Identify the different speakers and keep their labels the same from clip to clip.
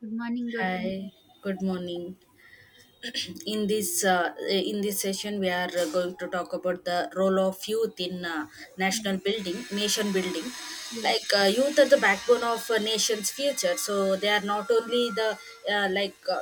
Speaker 1: Good morning, Gautam.
Speaker 2: Hi, good morning. In this session, we are going to talk about the role of youth in
Speaker 1: Yes.
Speaker 2: nation building.
Speaker 1: Yeah.
Speaker 2: Youth are the backbone of a nation's future, so they are not only the uh, like uh,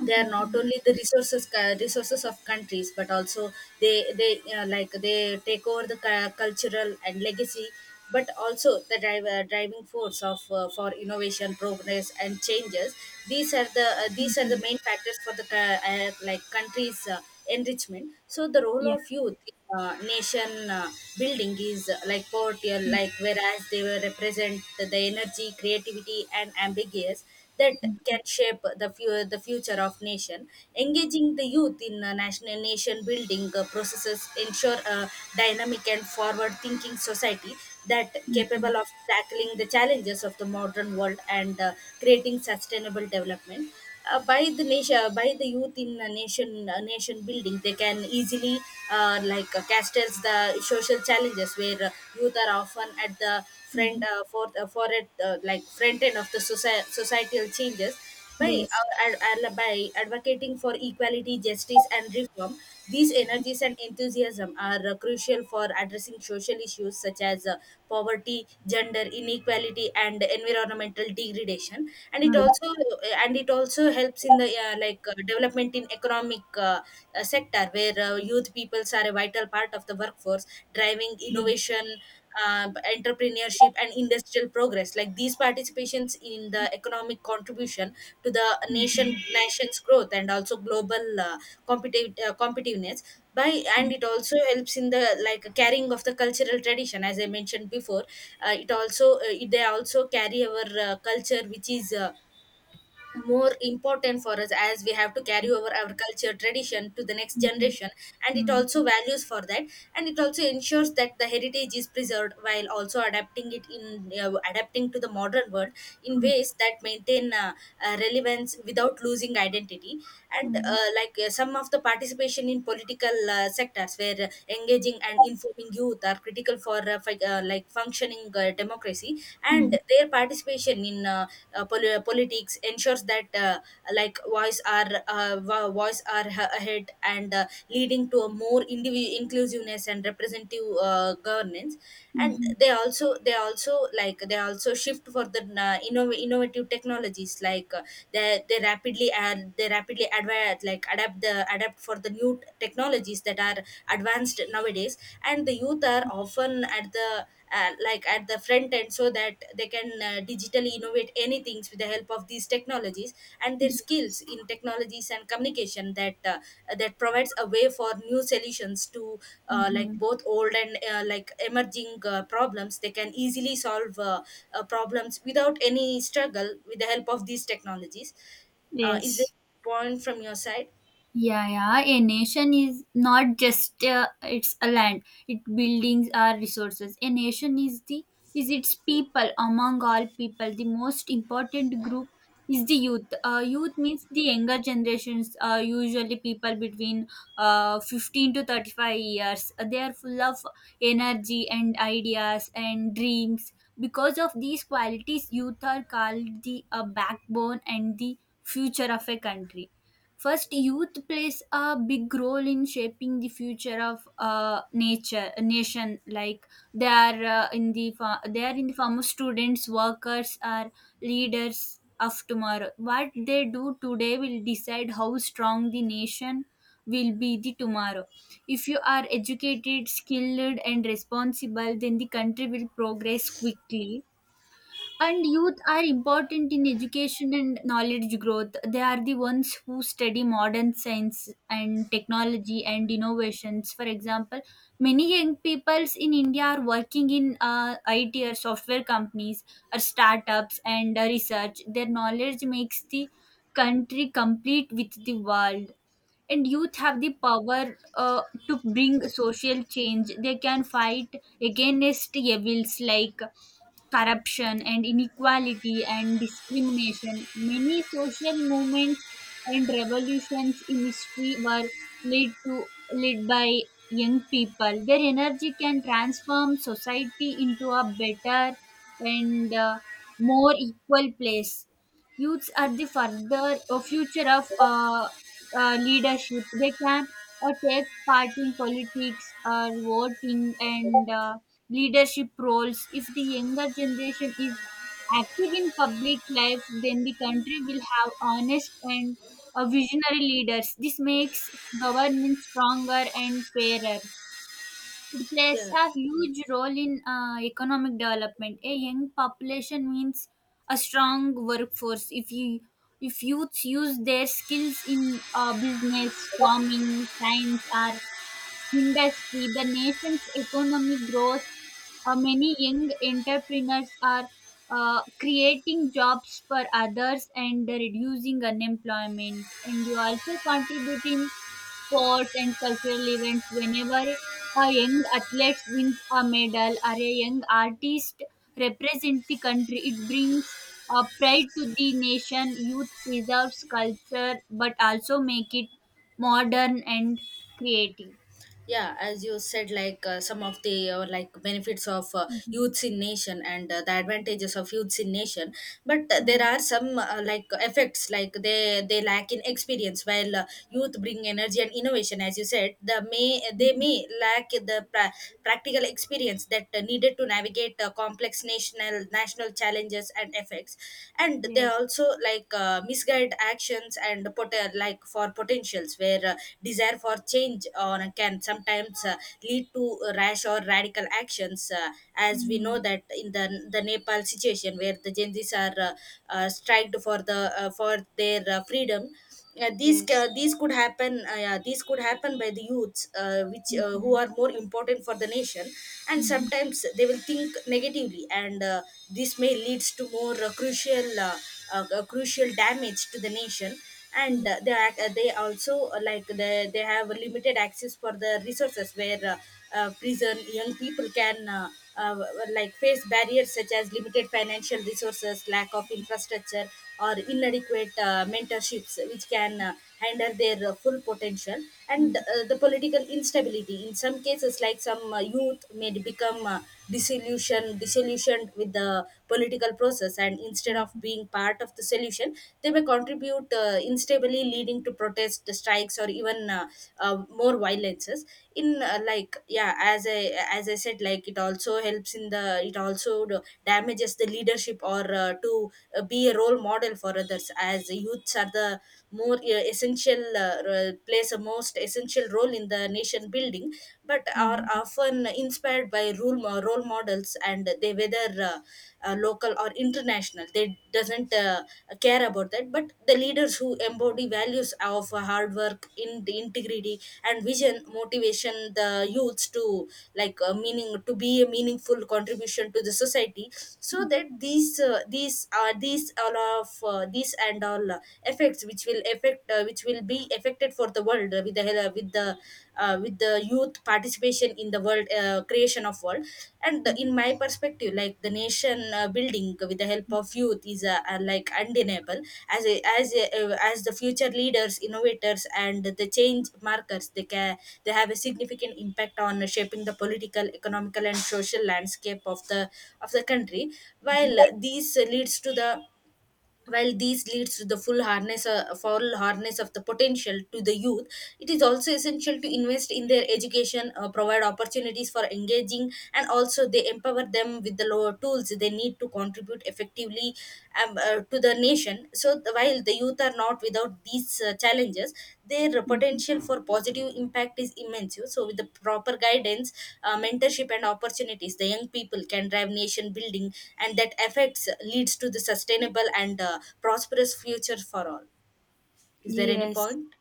Speaker 2: they are not
Speaker 1: Mm-hmm.
Speaker 2: only the resources of countries but also they take over the cultural and legacy, but also the driving force of for innovation, progress and changes. These are
Speaker 1: Mm-hmm.
Speaker 2: the main factors for the countries' enrichment. So the role
Speaker 1: Yeah.
Speaker 2: of youth in, nation building is like poverty, like whereas they were represent the energy, creativity and ambiguous that
Speaker 1: Mm-hmm.
Speaker 2: can shape the, the future of nation. Engaging the youth in nation building processes ensure a dynamic and forward-thinking society that
Speaker 1: Mm-hmm.
Speaker 2: capable of tackling the challenges of the modern world and creating sustainable development. By the nation, by the youth in a nation building, they can easily cast as the social challenges where youth are often at the front
Speaker 1: Mm-hmm.
Speaker 2: for it like front end of the societal changes by
Speaker 1: Yes.
Speaker 2: by advocating for equality, justice and reform. These energies and enthusiasm are crucial for addressing social issues such as poverty, gender inequality and environmental degradation. and it
Speaker 1: Um,
Speaker 2: also and it also helps in the development in economic sector, where youth peoples are a vital part of the workforce driving
Speaker 1: yeah. Mm-hmm.
Speaker 2: innovation, uh, entrepreneurship and industrial progress. Like these participations in the economic contribution to the
Speaker 1: Mm-hmm.
Speaker 2: nation's growth and also global competitiveness by, and it also helps in the like carrying of the cultural tradition. As I mentioned before, it also they also carry our culture, which is more important for us, as we have to carry over our culture tradition to the next generation, and it
Speaker 1: Mm-hmm.
Speaker 2: also values for that. And it also ensures that the heritage is preserved while also adapting it in adapting to the modern world in ways that maintain relevance without losing identity. and
Speaker 1: Mm-hmm.
Speaker 2: uh, like uh, some of the participation in political sectors, where engaging and informing youth are critical for functioning democracy, and their participation in politics ensures that like voice are voice are ahead, and leading to a more inclusiveness and representative governance.
Speaker 1: Mm-hmm.
Speaker 2: and
Speaker 1: Mm-hmm.
Speaker 2: they also they also shift for the innovative technologies. They rapidly advance, like adapt for the new technologies that are advanced nowadays. And the youth are often at the at the front end, so that they can digitally innovate anything with the help of these technologies, and their skills in technologies and communication that provides a way for new solutions to like
Speaker 1: Mm-hmm.
Speaker 2: both old and emerging problems. They can easily solve problems without any struggle with the help of these technologies. Is there
Speaker 1: Yes.
Speaker 2: a point from your side?
Speaker 1: Yeah, yeah. A nation is not just it's a land. It buildings are resources. A nation is the is its people. Among all people, the most important group is the youth. Youth means the younger generations. Usually people between 15 to 35 years. They are full of energy and ideas and dreams. Because of these qualities, youth are called the backbone and the future of a country. First, youth plays a big role in shaping the future of nature nation. Like they are in the form of students, workers, or leaders of tomorrow. What they do today will decide how strong the nation will be the tomorrow. If you are educated, skilled, and responsible, then the country will progress quickly, and youth are important in education and knowledge growth. They are the ones who study modern science and technology and innovations. For example, many young peoples in India are working in IT or software companies or startups and research. Their knowledge makes the country complete with the world. And youth have the power to bring social change. They can fight against evils like corruption and inequality and discrimination. Many social movements and revolutions in history were led to led by young people. Their energy can transform society into a better and more equal place. Youths are the further future of leadership. They can take part in politics or voting and leadership roles. If the younger generation is active in public life, then the country will have honest and visionary leaders. This makes governance stronger and fairer. It plays
Speaker 2: Yeah,
Speaker 1: a huge role in economic development. A young population means a strong workforce. If youths use their skills in business, farming, science, or industry, the nation's economy grows. Many young entrepreneurs are creating jobs for others and reducing unemployment. And you also contribute in sports and cultural events. Whenever a young athlete wins a medal or a young artist represents the country, it brings pride to the nation. Youth preserves culture but also make it modern and creative.
Speaker 2: yeah, as you said, like some of the benefits of
Speaker 1: Mhm,
Speaker 2: youths in nation and the advantages of youths in nation. But there
Speaker 1: mm,
Speaker 2: are some effects, like they lack in experience. While youth bring energy and innovation, as you said, the may they
Speaker 1: mhm.
Speaker 2: may lack the practical experience that needed to navigate complex national challenges and effects. And they
Speaker 1: Yes.
Speaker 2: also misguide actions and for potentials, where desire for change on can sometimes lead to rash or radical actions, as we know
Speaker 1: Mhm.
Speaker 2: that in the Nepal situation, where the Gen Zs are striked for the for their freedom.
Speaker 1: Yes.
Speaker 2: These could happen, yeah, these could happen by the youths, which who
Speaker 1: Mhm,
Speaker 2: are more important for the nation. And
Speaker 1: mhm,
Speaker 2: sometimes they will think negatively, and this may leads to more crucial damage to the nation. And
Speaker 1: mm,
Speaker 2: they also they have limited access for the resources, where prison young people can uh, face barriers such as limited financial resources, lack of infrastructure, or inadequate mentorships, which can hinder their full potential,
Speaker 1: mhm,
Speaker 2: and the political instability. In some cases, like some youth may become disillusioned with the political process, and instead of
Speaker 1: mhm,
Speaker 2: being part of the solution, they may contribute instably, leading to protests, strikes, or even more violences in yeah, as I said, like it also helps in the damages the leadership, or to be a role model for others, as youths are the more essential plays a most essential role in the nation building, but are
Speaker 1: mhm,
Speaker 2: often inspired by role models, and they, whether local or international, they doesn't care about that. But the leaders who embody values of hard work in the integrity and vision motivation the youths to like meaning to be a meaningful contribution to the society. So that these are, these all of these, and all effects which will affect, which will be affected for the world with the hel- with the youth participation in the world, creation of world. And in my perspective, like the nation building with the help of youth is undeniable. As as the future leaders, innovators and the change markers, they have a significant impact on shaping the political, economical and social landscape of the country. While uh, these leads to the while these leads to the full harness of the potential to the youth, it is also essential to invest in their education, provide opportunities for engaging, and also they empower them with the lower tools they need to contribute effectively to the nation. So while the youth are not without these challenges, their
Speaker 1: mhm.
Speaker 2: potential for positive impact is immense. So, with the proper guidance, mentorship, and opportunities, the young people can drive nation building, and that affects leads to the sustainable and prosperous future for all. Is there any
Speaker 1: Yes.
Speaker 2: point?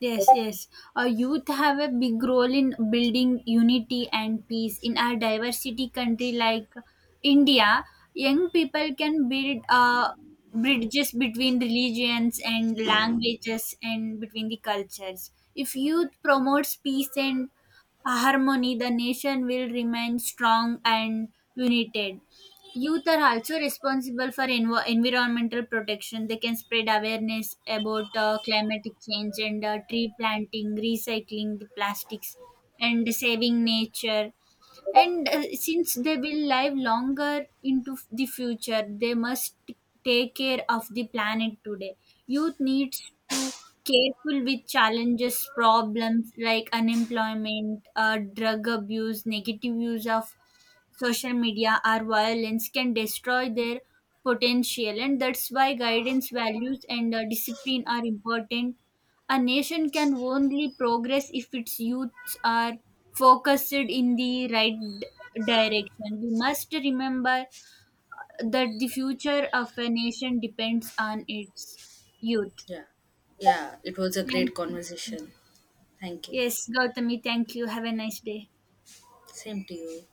Speaker 1: Yes, yes. Our youth have a big role in building unity and peace in our diversity country like India. Young people can build bridges between religions and languages and between the cultures. If youth promotes peace and harmony, the nation will remain strong and united. Youth are also responsible for environmental protection. They can spread awareness about climatic change and tree planting, recycling the plastics, and saving nature. And since they will live longer into the future, they must take care of the planet today. Youth needs to careful with challenges problems like unemployment, drug abuse, negative use of social media, or violence can destroy their potential. And that's why guidance, values, and discipline are important. A nation can only progress if its youths are focused in the right direction. We must remember that the future of a nation depends on its youth.
Speaker 2: Yeah, yeah. It was a
Speaker 1: Thank
Speaker 2: great
Speaker 1: you.
Speaker 2: conversation. Thank you.
Speaker 1: Yes, Gautami, thank you. Have a nice day.
Speaker 2: Same to you.